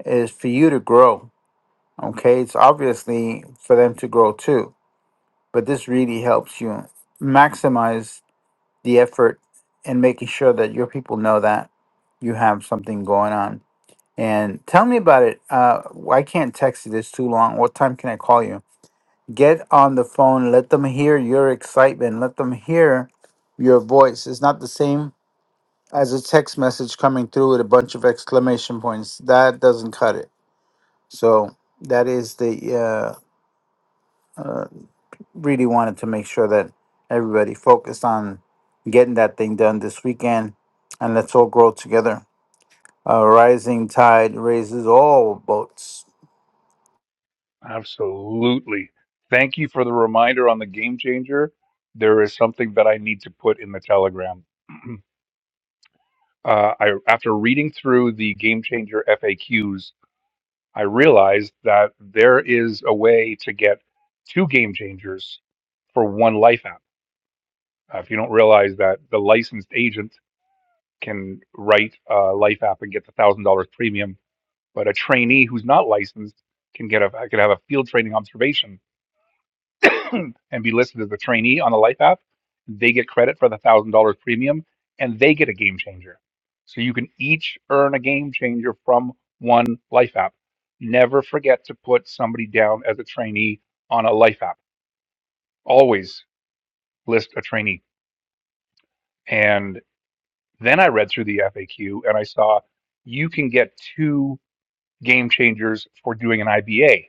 Speaker 2: is for you to grow. Okay, it's obviously for them to grow too, but this really helps you maximize the effort in making sure that your people know that you have something going on And tell me about it. Uh, I can't text you this too long. What time can I call you? Get on the phone. Let them hear your excitement. Let them hear your voice. It's not the same as a text message coming through with a bunch of exclamation points. That doesn't cut it. So that is the uh, really wanted to make sure that everybody focused on getting that thing done this weekend, and let's all grow together. A rising tide raises all boats.
Speaker 1: Absolutely. Thank you for the reminder on the game changer. There is something that I need to put in the Telegram. Uh, I, after reading through the game changer FAQs, I realized that there is a way to get two game changers for one life app. Uh, if you don't realize that the licensed agent can write a life app and get the thousand dollars premium But a trainee who's not licensed can get a could have a field training observation and be listed as a trainee on the Life app. They get credit for the thousand dollars premium, and they get a game changer. So you can each earn a game changer from one Life app. Never forget to put somebody down as a trainee on a Life app. Always list a trainee. And then I read through the FAQ and I saw you can get two game changers for doing an IBA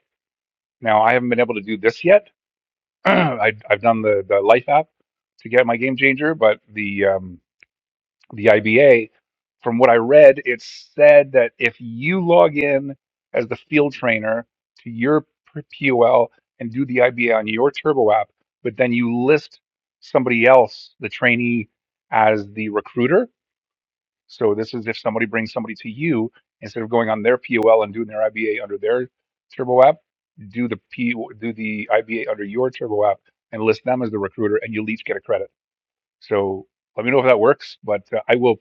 Speaker 1: Now I haven't been able to do this yet. I, I've done the, the Life app to get my game changer, but the um, the IBA, from what I read, it said that if you log in as the field trainer to your p- POL and do the IBA on your Turbo app, but then you list somebody else, the trainee, as the recruiter, so this is if somebody brings somebody to you instead of going on their POL and doing their IBA under their Turbo app, do the P do the IBA under your Turbo app and list them as the recruiter, and you'll each get a credit. So let me know if that works, but uh, I will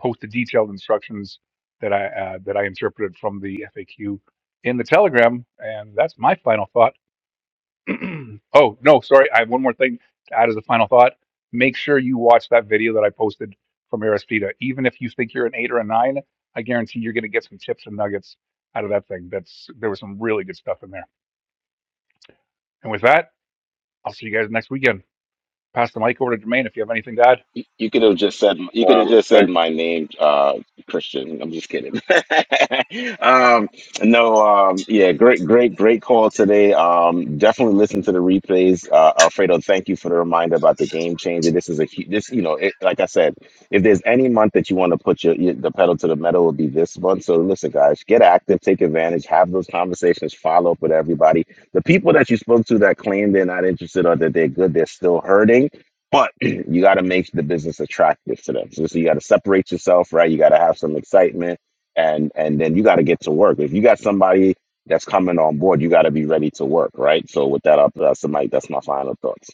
Speaker 1: post the detailed instructions that I uh, that I interpreted from the FAQ in the Telegram, and that's my final thought. oh no, sorry. I have one more thing to add as a final thought. Make sure you watch that video that I posted from Aristida. Even if you think you're an eight or a nine, I guarantee you're going to get some tips and nuggets out of that thing. That's there was some really good stuff in there. And with that, I'll see you guys next weekend. Pass the mic over to Jermaine if you have anything to add.
Speaker 4: You, you could have just said you
Speaker 5: mic.
Speaker 4: could have
Speaker 5: Um,
Speaker 4: just said
Speaker 5: but
Speaker 4: my name, uh, Christian. I'm just kidding. um, no, um, yeah, great, great, great call today. Um, definitely listen to the replays, uh, Alfredo. Thank you for the reminder about the game changer. This is a hu- this, you know, it, like I said, if there's any month that you want to put your, your the pedal to the metal, it would be this month. So listen, guys, get active, take advantage, have those conversations, follow up with everybody. The people that you spoke to that claim they're not interested or that they're good, they're still hurting but you got to make the business attractive to them. So, so you got to separate yourself, right? You got to have some excitement, and and then you got to get to work. If you got somebody that's coming on board, you got to be ready to work, right? So with that up, that's my that's my final thoughts.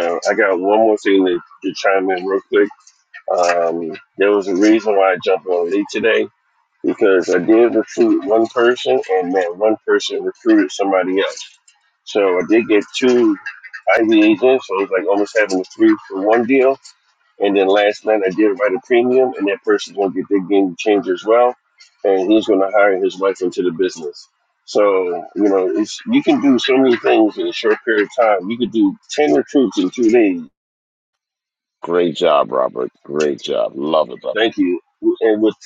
Speaker 5: uh, I got one more thing to, to chime in real quick. Um, there was a reason why I jumped on Lee today because I did recruit one person, and that one person recruited somebody else. So I did get two IVAs in, so it was like almost having a three for one deal. And then last night I did write a premium, and that person's going to get their game changed as well. And he's going to hire his wife into the business. So, you know, it's, you can do so many things in a short period of time. You could do 10 recruits in two days.
Speaker 4: Great job, Robert. Great job. Love it, brother.
Speaker 5: Thank you. And with,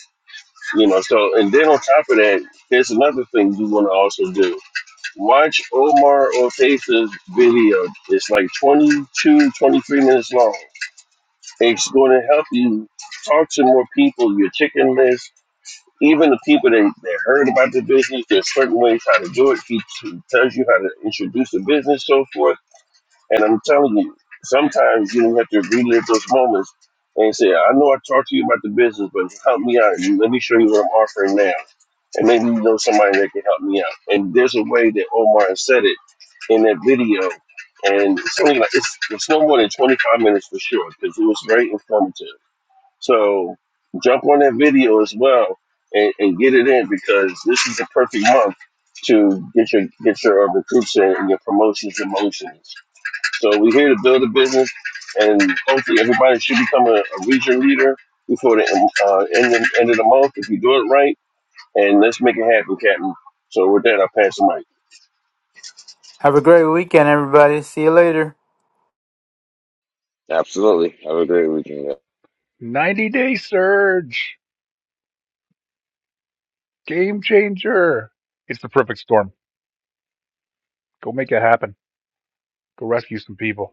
Speaker 5: you know, so, and then on top of that, there's another thing you want to also do. Watch Omar Ortega's video. It's like 22, 23 minutes long. It's going to help you talk to more people, your chicken list Even the people that, that heard about the business, there's certain ways how to do it. He, he tells you how to introduce the business, so forth. And I'm telling you, sometimes you have to relive those moments and say, I know I talked to you about the business, but help me out. Let me show you what I'm offering now. And maybe you know somebody that can help me out. And there's a way that Omar said it in that video. And it's only like it's, it's no more than 25 minutes for sure because it was very informative. So jump on that video as well and, and get it in because this is the perfect month to get your get your uh, recruits in and your promotions and motions. So we're here to build a business, and hopefully everybody should become a, a region leader before the uh, end of, end of the month if you do it right. And let's make it happen, Captain. So with that, I will pass the mic.
Speaker 2: Have a great weekend, everybody. See you later.
Speaker 4: Absolutely. Have a great weekend.
Speaker 1: 90 day surge, game changer. It's the perfect storm. Go make it happen. Go rescue some people.